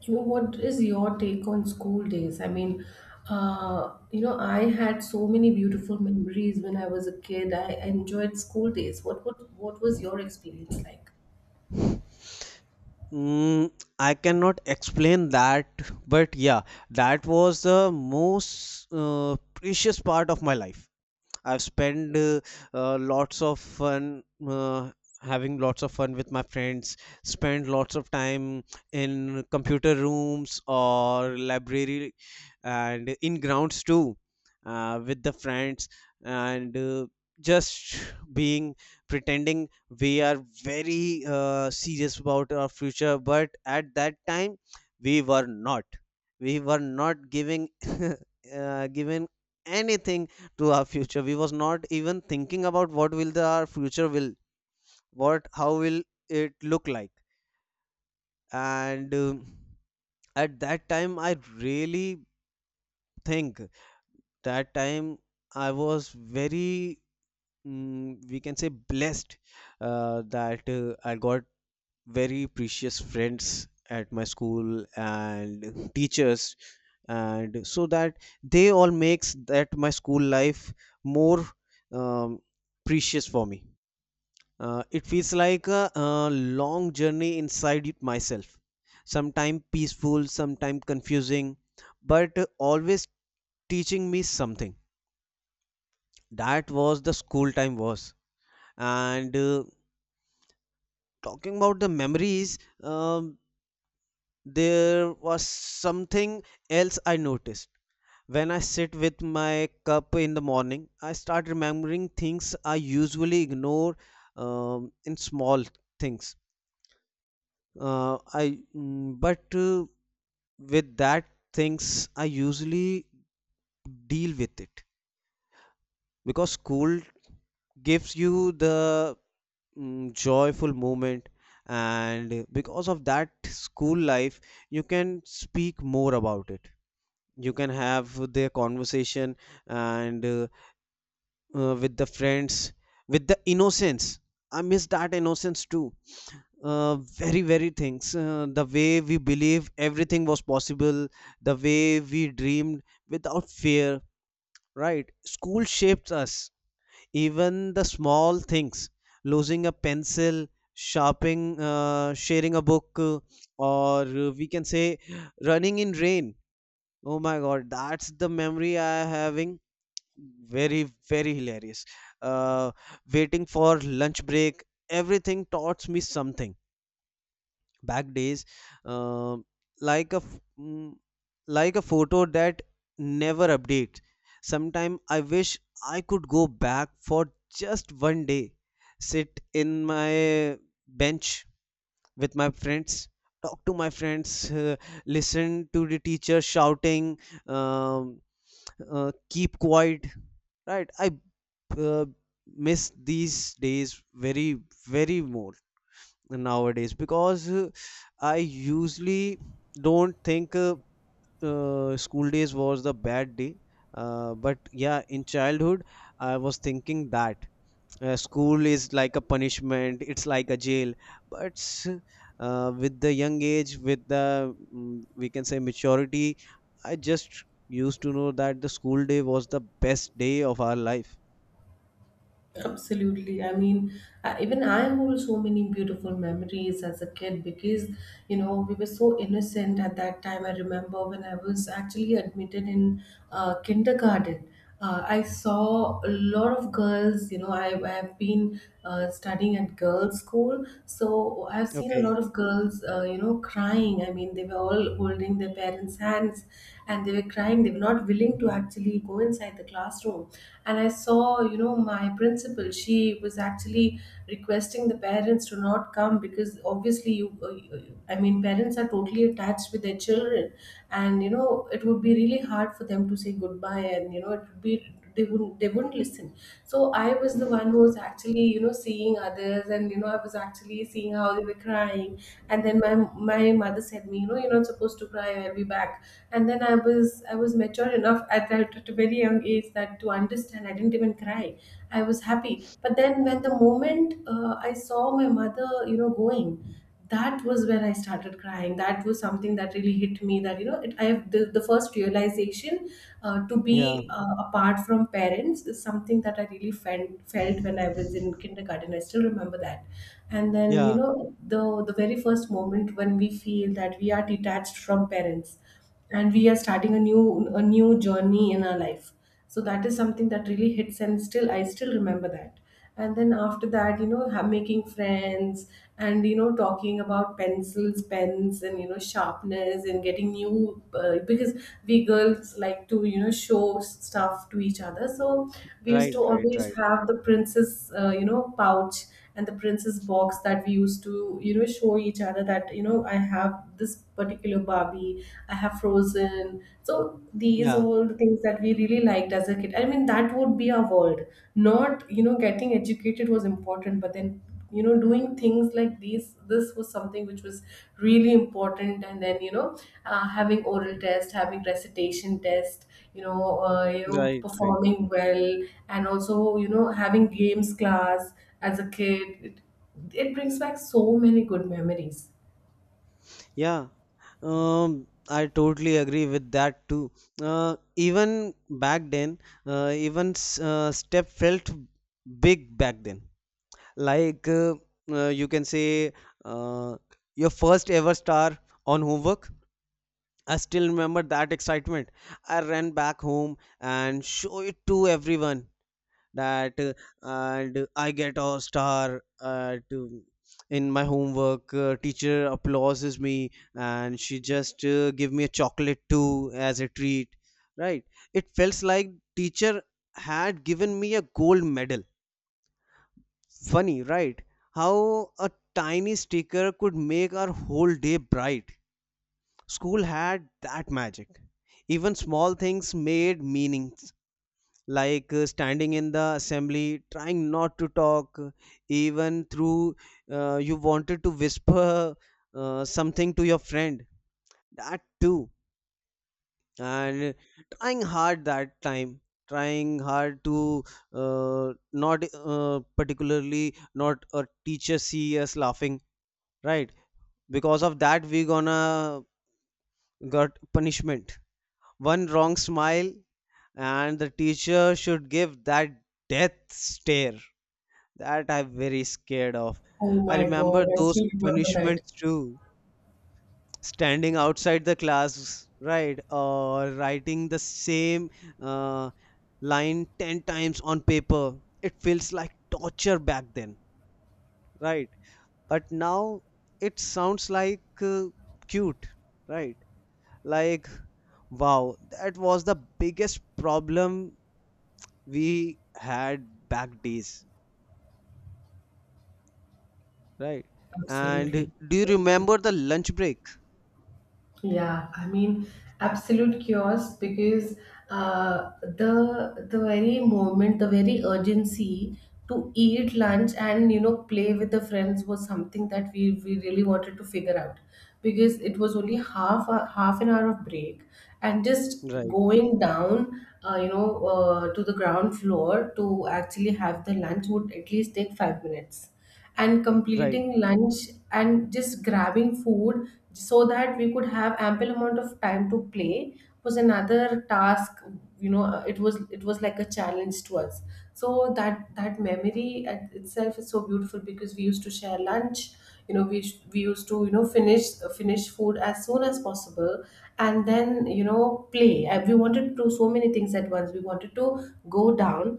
So what is your take on school days? I mean, I had so many beautiful memories when I was a kid. I enjoyed school days. What was your experience like? Mm, I cannot explain that, but yeah, that was the most precious part of my life. I've spent lots of fun having lots of fun with my friends, spent lots of time in computer rooms or library and in grounds too with the friends and just being pretending we are very serious about our future, but at that time we were not we were not giving given anything to our future. We was not even thinking about what will the our future will, what how will it look like. And at that time, I really think that time I was very, we can say, blessed, that I got very precious friends at my school and teachers, and so that they all makes that my school life more um, precious for me. It feels like a, long journey inside it myself. Sometimes peaceful, sometimes confusing, but always teaching me something. That was the school time was. And talking about the memories, there was something else I noticed. When I sit with my cup in the morning, I start remembering things I usually ignore, in small things. But with that things, I usually deal with it because school gives you the, joyful moment. And because of that school life, you can speak more about it, you can have their conversation, and with the friends, with the innocence. I miss that innocence too. Very very things, the way we believe everything was possible, the way we dreamed without fear. Right. School shapes us. Even the small things, losing a pencil, sharing a book, or we can say running in rain. Oh my God, that's the memory I am having. Very, very hilarious. Uh, Waiting for lunch break. Everything taught me something back days, uh, like a f- mm, like a photo that never updates. Sometime I wish I could go back for just one day, sit in my bench with my friends, talk to my friends listen to the teacher shouting, um, keep quiet, right? I uh, miss these days very very more nowadays because, I usually don't think school days was the bad day. But yeah, in childhood, I was thinking that school is like a punishment, it's like a jail. But with the young age, with the, we can say, maturity, I just used to know that the school day was the best day of our life. Absolutely. I mean, even I hold so many beautiful memories as a kid because, you know, we were so innocent at that time. I remember when I was actually admitted in kindergarten. I saw a lot of girls. You know, I've been studying at girls' school. So I've seen a Okay. lot of girls, you know, crying. I mean, they were all holding their parents' hands and they were crying. They were not willing to actually go inside the classroom. And I saw, you know, my principal, she was actually requesting the parents to not come because obviously, I mean, parents are totally attached with their children. And, you know, it would be really hard for them to say goodbye. And, you know, it would be they wouldn't listen. So I was the one who was actually, you know, seeing others, and you know, I was actually seeing how they were crying. And then my mother said to me, you know, you're not supposed to cry, I'll be back. And then I was mature enough at that at a very young age that to understand. I didn't even cry. I was happy. But then when the moment I saw my mother, you know, going, that was when I started crying. That was something that really hit me, that, you know, I have the first realization to Yeah. be apart from parents is something that I really felt when I was in kindergarten. I still remember that. And then, you Yeah. know, the very first moment when we feel that we are detached from parents, and we are starting a new journey in our life, so that is something that really hits, and still, I still remember that. And then after that, you know, making friends, and you know, talking about pencils, pens, and you know, sharpness, and getting new, because we girls like to, you know, show stuff to each other. So we used to Right. Right. always Right. have the princess, you know, pouch, and the princess box that we used to, you know, show each other that, you know, I have this particular Barbie, I have Frozen. So these are Yeah. all the things that we really liked as a kid. I mean, that would be our world. Not, you know, getting educated was important, but then, you know, doing things like these, this was something which was really important. And then, you know, having oral test, having recitation test, you know, you know, Right. Right. performing well, and also, you know, having games class. As a kid, it brings back so many good memories. Yeah, I totally agree with that too. Even back then, step felt big back then. Like you can say uh, your first ever star on homework. I still remember that excitement. I ran back home and show it to everyone that, and I get a star at in my homework. Teacher applauses me and she just give me a chocolate too as a treat. Right? It felt like teacher had given me a gold medal. Funny, right? How a tiny sticker could make our whole day bright. School had that magic. Even small things made meaning, like standing in the assembly, trying not to talk, even through you wanted to whisper something to your friend. That too, and trying hard that time, trying hard to not particularly not a teacher see us laughing, right? Because of that, we gonna got punishment. One wrong smile, and the teacher should give that death stare. That I'm very scared of. Oh I my God, remember I those still remember that. punishments too. Standing outside the class, right, or writing the same uh, line 10 times on paper. It feels like torture back then, right? But now it sounds like cute, right? Like, wow, that was the biggest problem we had back days, right? And Absolutely. do you Absolutely. remember the lunch break? Yeah, I mean, absolute chaos because the very moment, the very urgency to eat lunch and you know, play with the friends was something that we really wanted to figure out, because it was only half an hour of break. And just Right. going down, uh, to the ground floor to actually have the lunch would at least take 5 minutes. And Right. completing lunch and just grabbing food so that we could have ample amount of time to play was another task. You know, it was, it was like a challenge to us. So that that memory at itself is so beautiful, because we used to share lunch. You know, we used to, you know, finish food as soon as possible, and then, you know, play. And we wanted to do so many things at once. We wanted to go down,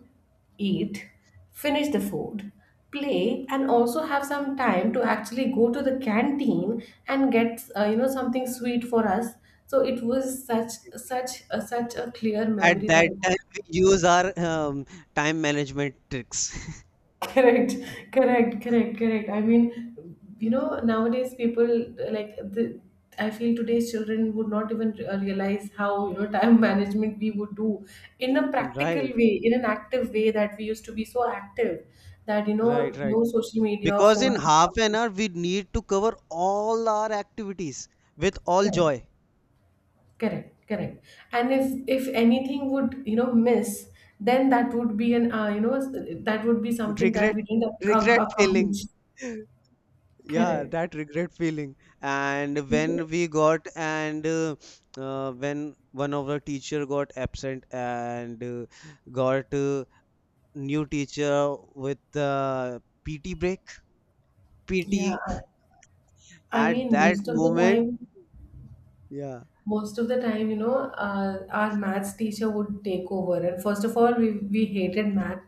eat, finish the food, play, and also have some time to actually go to the canteen and get, you know, something sweet for us. So it was such a clear At memory that, that time, we use our time management tricks. correct, correct. I mean, you know, nowadays people, like the I feel today's children would not even realize how, you know, time management we would do in a practical Right. way, in an active way, that we used to be so active, that, you Right. know, Right. no social media or Because in phones or half an something. hour, we need to cover all our activities with all Correct. joy. Correct. And if, anything would, you know, miss, then that would be an, that would be something that Regret. we didn't Regret feeling. accomplish. Yeah, Correct. that regret feeling. and when we got and uh, uh, when one of our teacher got absent and got new teacher with, pt break, Yeah. pt. I mean, At that most of the moment, time, yeah, most of the time, you know, our maths teacher would take over. And first of all, we hated math.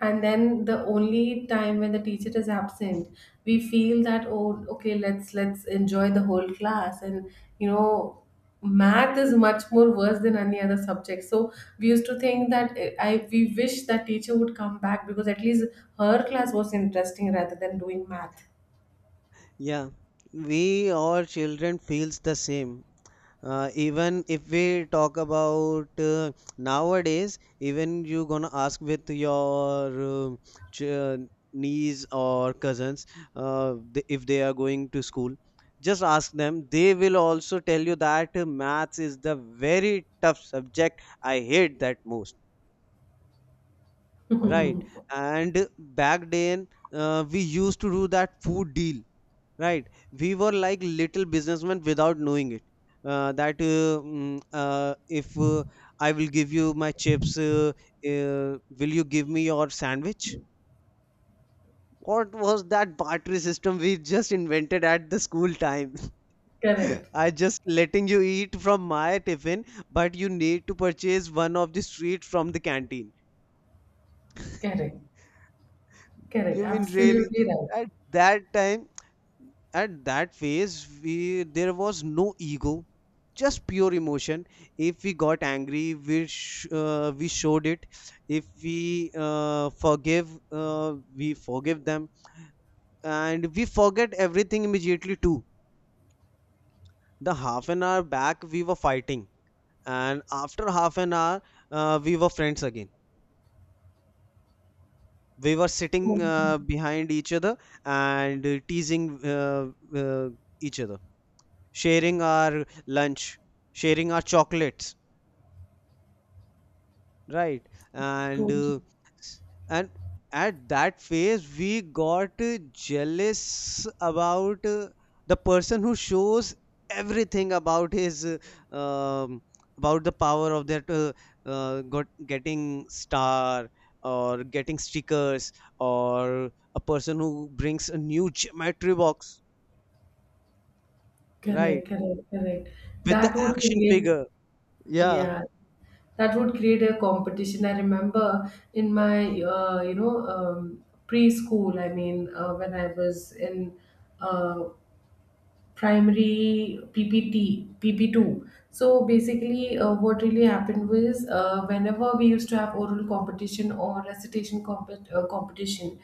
And then the only time when the teacher is absent, we feel that, oh, okay, let's enjoy the whole class. And, you know, math is much more worse than any other subject. So we used to think that, eh, I we wish that teacher would come back, because at least her class was interesting rather than doing math. yeah, we or children feels the same. Even if we talk about nowadays, even you gonna ask with your ch niece or cousins, if they are going to school, just ask them. They will also tell you that maths is the very tough subject. I hate that most, right? And back then, we used to do that food deal, right? We were like little businessmen without knowing it, that mm, if I will give you my chips, will you give me your sandwich? What was that barter system we just invented at the school time? Correct. I just letting you eat from my tiffin, but you need to purchase one of the street from the canteen. Correct. Correct, You mean really absolutely right. at that time, at that phase, we, there was no ego, just pure emotion. If we got angry, we showed it. If we forgive them, and we forget everything immediately too. The half an hour back we were fighting, and after half an hour, we were friends again. We were sitting, Totally, behind each other, and teasing uh, each other, sharing our lunch, sharing our chocolates, right? And totally. uh, and at that phase, we got jealous about the person who shows everything uh, um, about the power of that, got getting star or getting stickers, or a person who brings a new geometry box, Correct, right? correct, correct. With the That would action create, figure. Yeah. yeah, that would create a competition. I remember in my preschool, I mean, when I was in uh, primary PPT, PP2. So basically, what really happened was, whenever we used to have oral competition or recitation competition,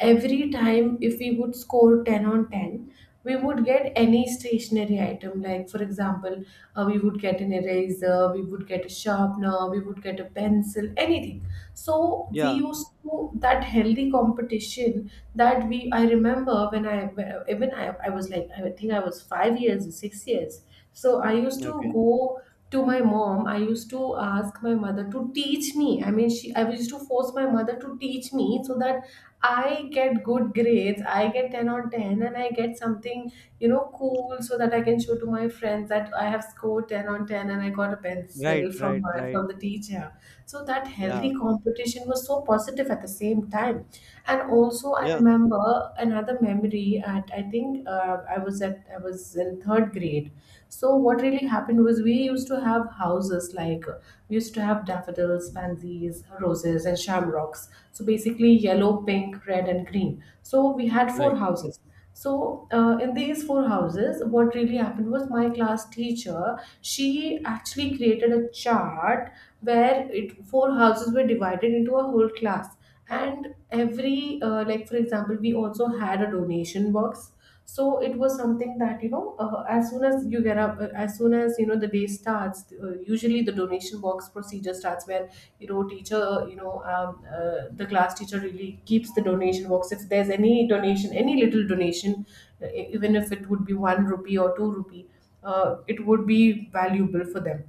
every time if we would score 10 on 10, we would get any stationary item. Like, for example, we would get an eraser, we would get a sharpener, we would get a pencil, anything. So we Yeah. used to, that healthy competition, that we, I remember when I, even I was like, I think I was 5 years or 6 years. So I used to Okay. go to my mom. I used to ask my mother to teach me. I mean, she I used to force my mother to teach me so that I get good grades, I get 10 on 10, and I get something, you know, cool, so that I can show to my friends that I have scored 10 on 10, and I got a Right, pencil from right, right. from the teacher. So that Yeah, healthy competition was so positive at the same time. And also, I yeah, remember another memory at, I think, I was in third grade. So what really happened was, we used to have houses like, we used to have daffodils, pansies, roses, and shamrocks. So basically yellow, pink, red, and green. So we had four right. houses. So in these four houses, what really happened was, my class teacher, she actually created a chart where it four houses were divided into a whole class. And every, like for example, we also had a donation box. So it was something that, you know, as soon as, you know, the day starts, usually the donation box procedure starts, where, you know, the class teacher really keeps the donation box. If there's any donation, any little donation, even if it would be 1 rupee or 2 rupee, it would be valuable for them.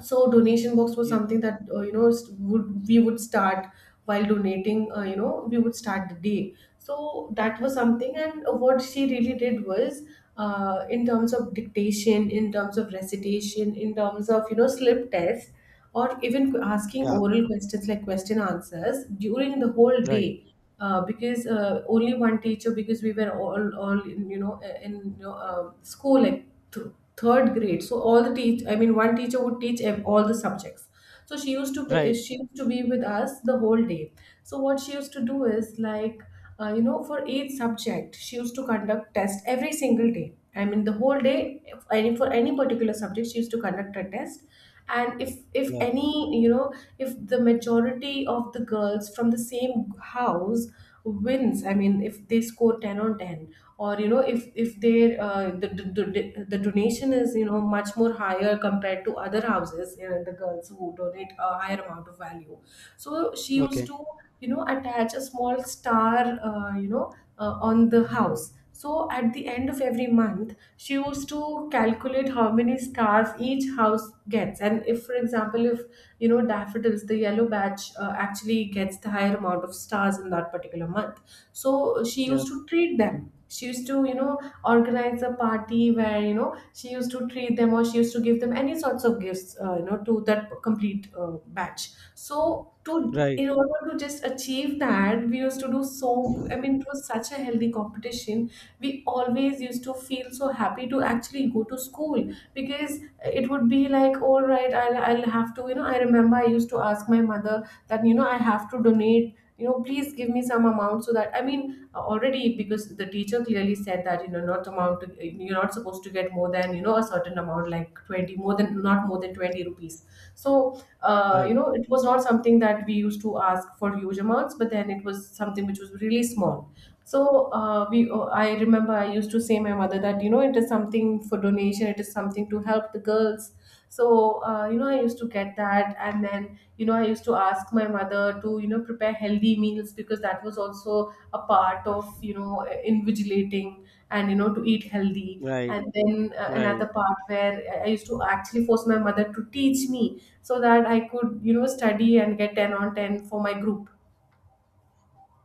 So donation box was Yeah, something that, would we would start. While donating, you know, we would start the day. So that was something. And what she really did was, in terms of dictation, in terms of recitation, in terms of, you know, slip test, or even asking yeah, oral questions like question answers during the whole right, day, because only one teacher, because we were all in you know, school, like, th- third grade. So all the teach I mean one teacher would teach all the subjects. So right. she used to be with us the whole day. So what she used to do is like, you know, for each subject, she used to conduct test every single day. I mean, the whole day, if any for any particular subject, she used to conduct a test. And if Yeah, any, if the majority of the girls from the same house wins, I mean if they score 10 on 10, or if they the donation is much more higher compared to other houses, the girls who donate a higher amount of value, so she used okay. to attach a small star, on the house. So at the end of every month she used to calculate how many stars each house gets, and if, for example, if daffodils, the yellow badge, actually gets the higher amount of stars in that particular month, so she Yeah, used to treat them, she used to organized a party where, she used to treat them, or she used to give them any sorts of gifts to that complete batch. So, to right, in order to just achieve that, we used to do so. I mean, it was such a healthy competition. We always used to feel so happy to actually go to school, because it would be like, all right, I'll have to, I remember I used to ask my mother that I have to donate, please give me some amount, so that, I mean, already, because the teacher clearly said that not amount to, you're not supposed to get more than a certain amount, like 20, more than not more than 20 rupees. So, right, it was not something that we used to ask for huge amounts, but then it was something which was really small. So uh, we uh, i remember I used to say my mother that it is something for donation, it is something to help the girls. So, I used to get that, and then, I used to ask my mother to, prepare healthy meals, because that was also a part of, invigilating, and, to eat healthy. right, And then right. another part where I used to actually force my mother to teach me, so that I could, study and get 10 on 10 for my group.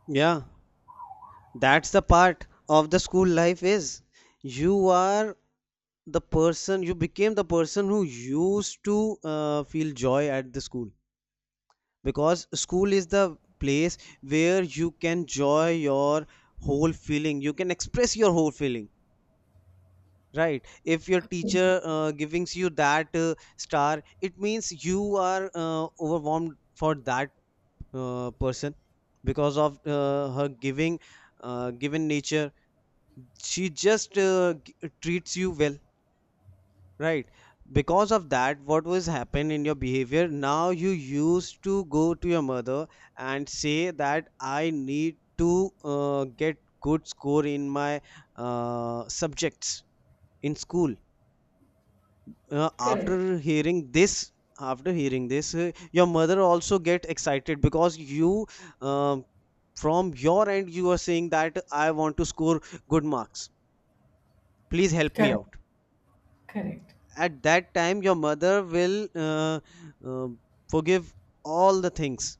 Yeah, that's the part of the school life is you are the person, you became the person who used to feel joy at the school, because school is the place where you can joy your whole feeling, you can express your whole feeling. Right, if your teacher gives you that star, it means you are overwhelmed for that person, because of her giving, given nature, she just treats you well, right? Because of that, what was happened in your behavior, now you used to go to your mother and say that I need to get good score in my subjects in school. Correct, After hearing this, your mother also get excited because you, um, from your end you are saying that I want to score good marks, please help me correct, out. correct, At that time your mother will uh, forgive all the things,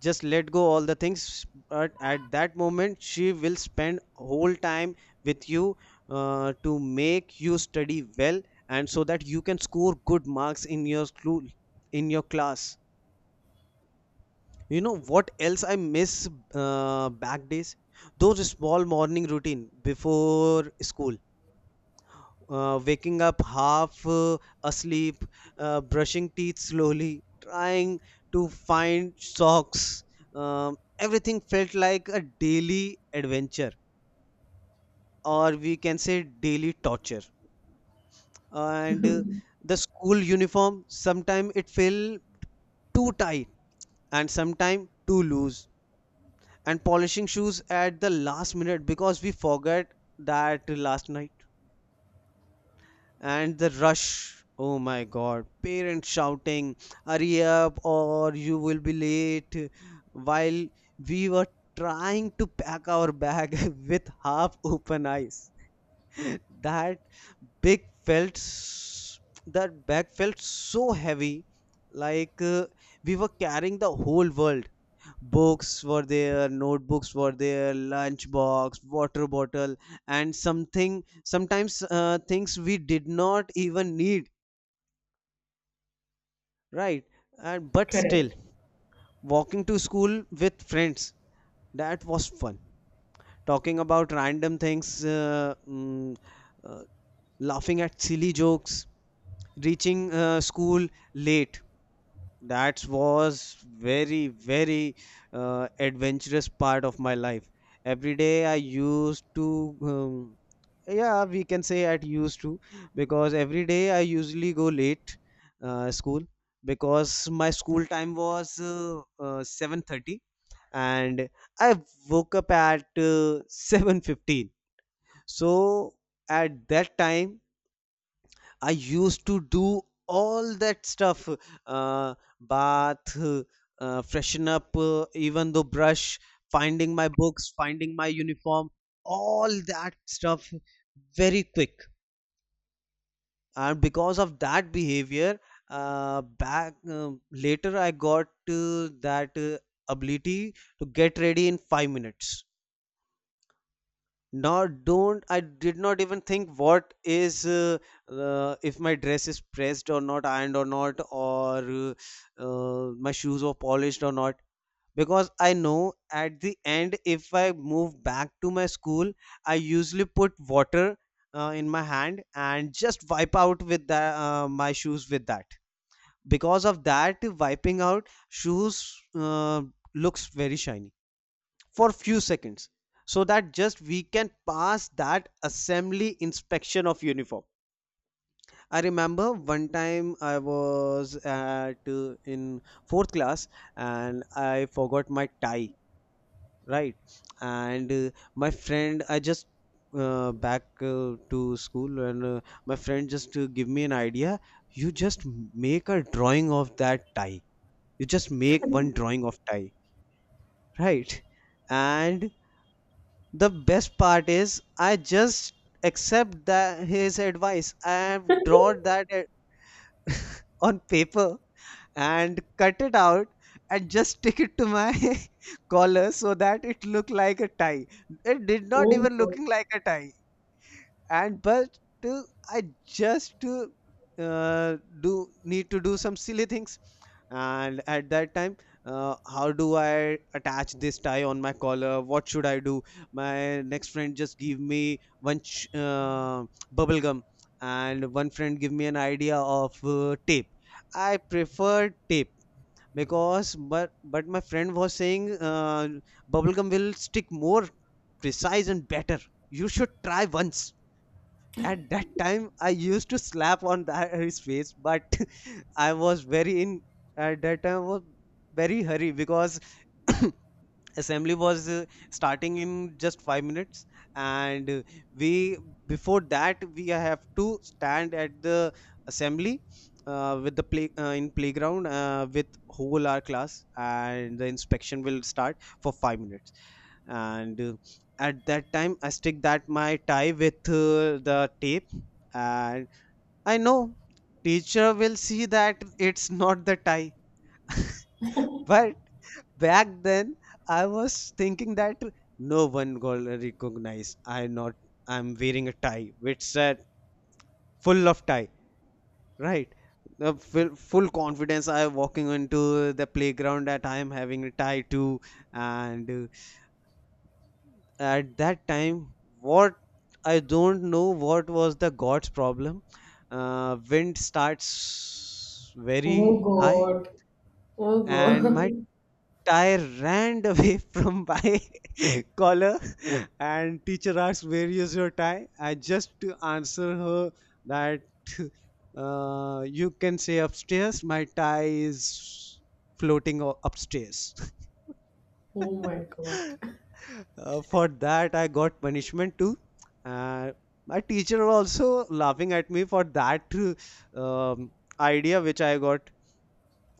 just let go all the things, but at that moment she will spend whole time with you to make you study well, and so that you can score good marks in your school, in your class. You know what else I miss, back days? Those small morning routine before school, waking up half asleep, brushing teeth slowly, trying to find socks. Everything felt like a daily adventure, or we can say daily torture. And the school uniform, sometimes it felt too tight and sometimes too loose, and polishing shoes at the last minute because we forgot that last night. And the rush, oh my god, parents shouting hurry up or you will be late, while we were trying to pack our bag with half open eyes. That big felt s- that bag felt so heavy, like we were carrying the whole world. Books were there, notebooks were there, lunchbox, water bottle, and something, sometimes things we did not even need, right? And but still, correct. walking to school with friends, that was fun, talking about random things, uh, laughing at silly jokes, reaching school late. That was very very adventurous part of my life. Every day I used to, yeah, we can say I used to, because every day I usually go late school, because my school time was 7:30, and I woke up at 7:15. So at that time I used to do all that stuff, uh, bath, freshen up, even though brush, finding my books, finding my uniform, all that stuff very quick. And because of that behavior, back later I got that ability to get ready in 5 minutes. Now, don't I did not even think what is if my dress is pressed or not, ironed or not, or my shoes were polished or not. Because I know at the end, if I move back to my school, I usually put water in my hand and just wipe out with my shoes with that. Because of that, wiping out shoes looks very shiny for few seconds so that just we can pass that assembly inspection of uniform. I remember one time I was at in fourth class and I forgot my tie, right? And my friend, I just back to school, and my friend just give me an idea. You just make a drawing of that tie. You just make one drawing of tie, right? And the best part is I just accept that his advice. I have drawn that on paper and cut it out and just stick it to my collar so that it looked like a tie. It did not Oh even God, looking like a tie. And but uh, I just do need to do some silly things. And at that time, how do I attach this tie on my collar? What should I do? My next friend just give me one bubble gum, and one friend give me an idea of tape. I prefer tape because but my friend was saying bubble gum will stick more precise and better. You should try once. At that time I used to slap on that, his face, but I was very in, at that time I was very hurry because assembly was starting in just 5 minutes. And we, before that we have to stand at the assembly with the play in playground with whole our class, and the inspection will start for 5 minutes. And at that time I stick that my tie with the tape, and I know teacher will see that it's not the tie, but back then, I was thinking that no one gonna recognize. I not. I'm wearing a tie, which said full of tie, right? Full confidence. I walking into the playground that I am having a tie too, and at that time, what, I don't know what was the God's problem. Wind starts oh very high, God, oh and my God. I ran away from my collar, and teacher asked where is your tie. I just to answer her that you can say upstairs my tie is floating upstairs. Oh my God. For that I got punishment too. uh, my teacher was also laughing at me for that uh, um, idea which I got,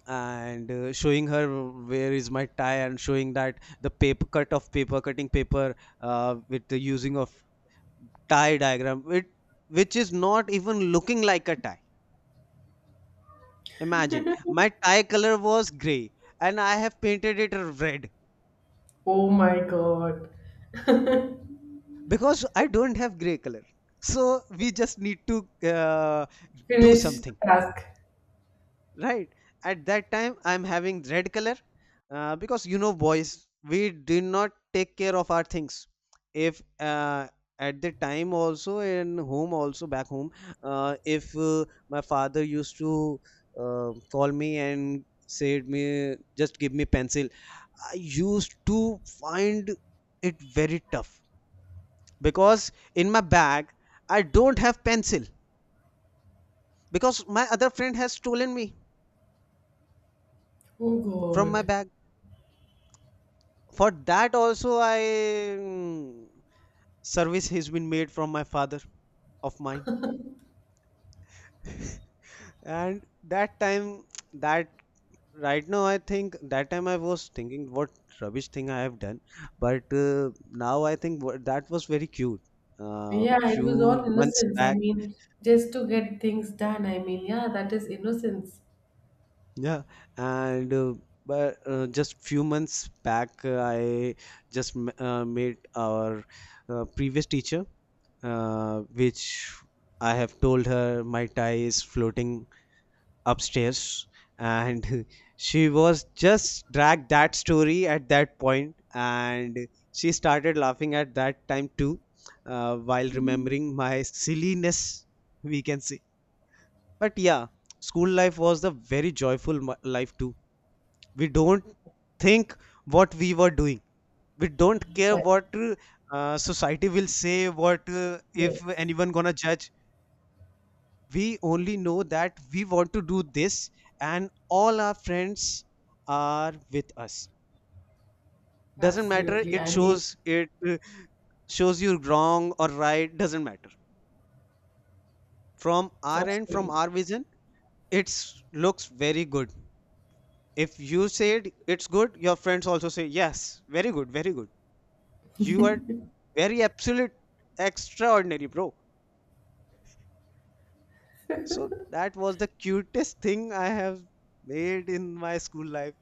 and showing her where is my tie, and showing that the paper cut of paper cutting paper with the using of tie diagram it, which is not even looking like a tie. Imagine, my tie color was gray and I have painted it red. Oh my God. Because I don't have gray color, so we just need to do Finish the something, task. right? At that time I'm having red color. Because you know boys, we did not take care of our things. If at the time also in home also back home, if my father used to call me and said me just give me pencil, I used to find it very tough because in my bag I don't have pencil, because my other friend has stolen me Oh from my God. bag. For that also I, service has been made from my father of mine. And that time that right now I think that time I was thinking what rubbish thing I have done. But now I think what, that was very cute. Uh, Yeah, it few was all months innocence. I back mean, just to get things done. I mean, yeah, that is innocence. Yeah, and but just few months back, I just met our previous teacher, which I have told her my tie is floating upstairs, and she was just dragged that story at that point, and she started laughing at that time too, while remembering my silliness, we can say. But yeah, school life was the very joyful life too. We don't think what we were doing. We don't care Yes, what society will say, what if yes, anyone gonna judge. We only know that we want to do this, and all our friends are with us. Doesn't matter absolutely. it I mean, shows it, shows you wrong or right. Doesn't matter, from our end, from absolutely. our vision it looks very good. If you said it's good, your friends also say yes, very good, very good. You are very absolute extraordinary, bro. So that was the cutest thing I have made in my school life.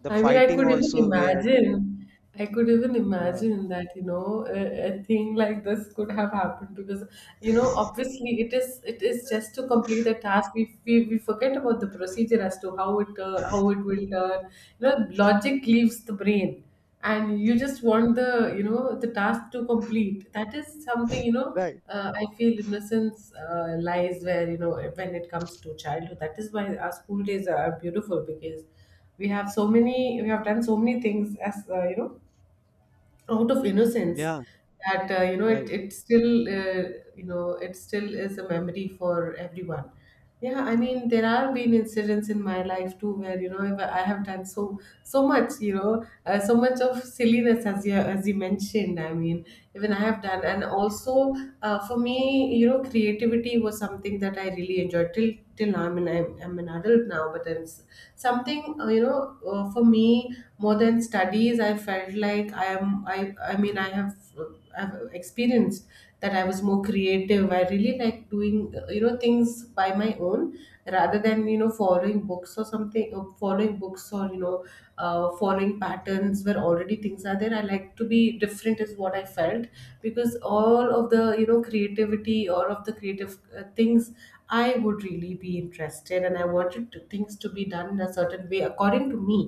The I mean, I fighting could even also we had. imagine. I could even Yeah. imagine that, a thing like this could have happened, because, obviously it is just to complete the task. We forget about the procedure as to how it will turn. Logic leaves the brain, and you just want the you know the task to complete. That is something. Right. I feel innocence lies where, when it comes to childhood. That is why our school days are beautiful, because we have so many, we have done so many things, as, out of innocence, Yeah. that, it, Right. it still, uh, it still is a memory for everyone. Yeah, I mean there have been incidents in my life too, where, I have done so much, so much of silliness, as you mentioned. I mean, even I have done. And also, for me, creativity was something that I really enjoyed till now. I mean, I'm an adult now, but it's something, for me, more than studies, I felt like I am I mean I have uh, I've experienced that I was more creative. I really like doing, things by my own, rather than following books or something, following books, or following patterns, where already things are there. I like to be different is what I felt, because all of the creativity, all of the creative things, I would really be interested, and I wanted things to be done in a certain way according to me.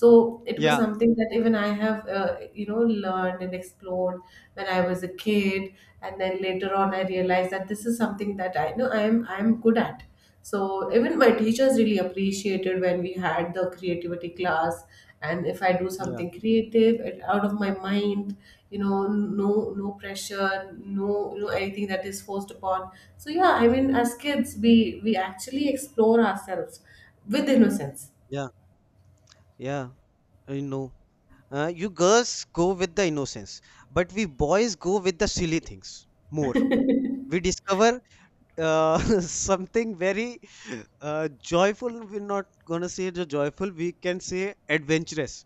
So it was Yeah. something that even I have, learned and explored when I was a kid. And then later on I realized that this is something that I know I am good at. So even my teachers really appreciated when we had the creativity class. And if I do Yeah. something creative and out of my mind, no pressure, no anything that is forced upon. So yeah, I mean, as kids, we actually explore ourselves with innocence. Yeah. Yeah. I know. You girls go with the innocence, but we boys go with the silly things more. We discover something very joyful. We're not gonna say the joyful. We can say adventurous.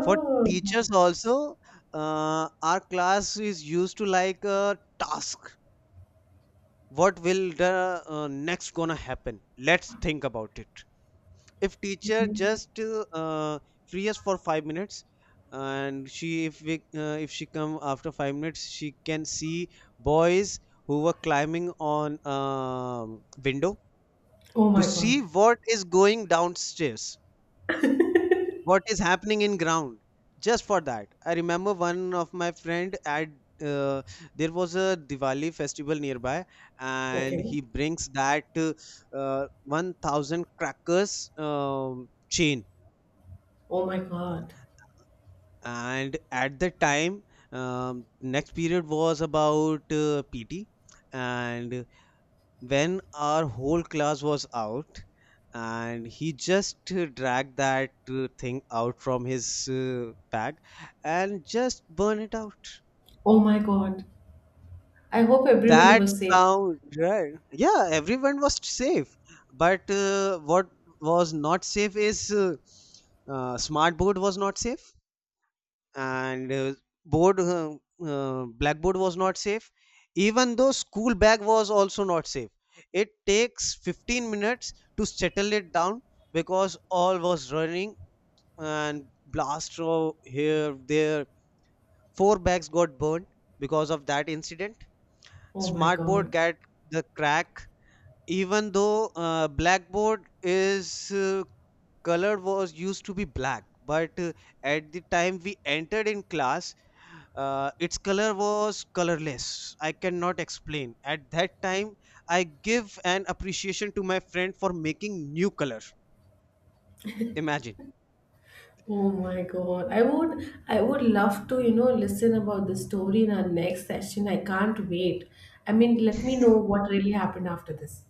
For teachers also our class is used to like a task. What will the next gonna happen, let's think about it. If teacher just uh, free us for 5 minutes, and she, if she come after 5 minutes, she can see boys who were climbing on window oh to my see God. what is going downstairs, what is happening in ground. Just for that, I remember one of my friend at uh, there was a Diwali festival nearby, and Okay. he brings that 1,000 crackers chain. Oh my God. And at the time, next period was about PT, and when our whole class was out, and he just dragged that thing out from his bag and just burn it out. Oh my God. I hope everybody That was safe. sound, right? Yeah, everyone was safe, but what was not safe is smart board was not safe. And board blackboard was not safe. Even though school bag was also not safe. It takes 15 minutes to settle it down because all was running and blast from here there. Four bags got burned because of that incident. Oh my Smart board God. got the crack. Even though blackboard is colored was used to be black, but at the time we entered in class, its color was colorless. I cannot explain at that time. I give an appreciation to my friend for making new color. Imagine Oh my God. I would love to, listen about the story in our next session. I can't wait. I mean, let me know what really happened after this.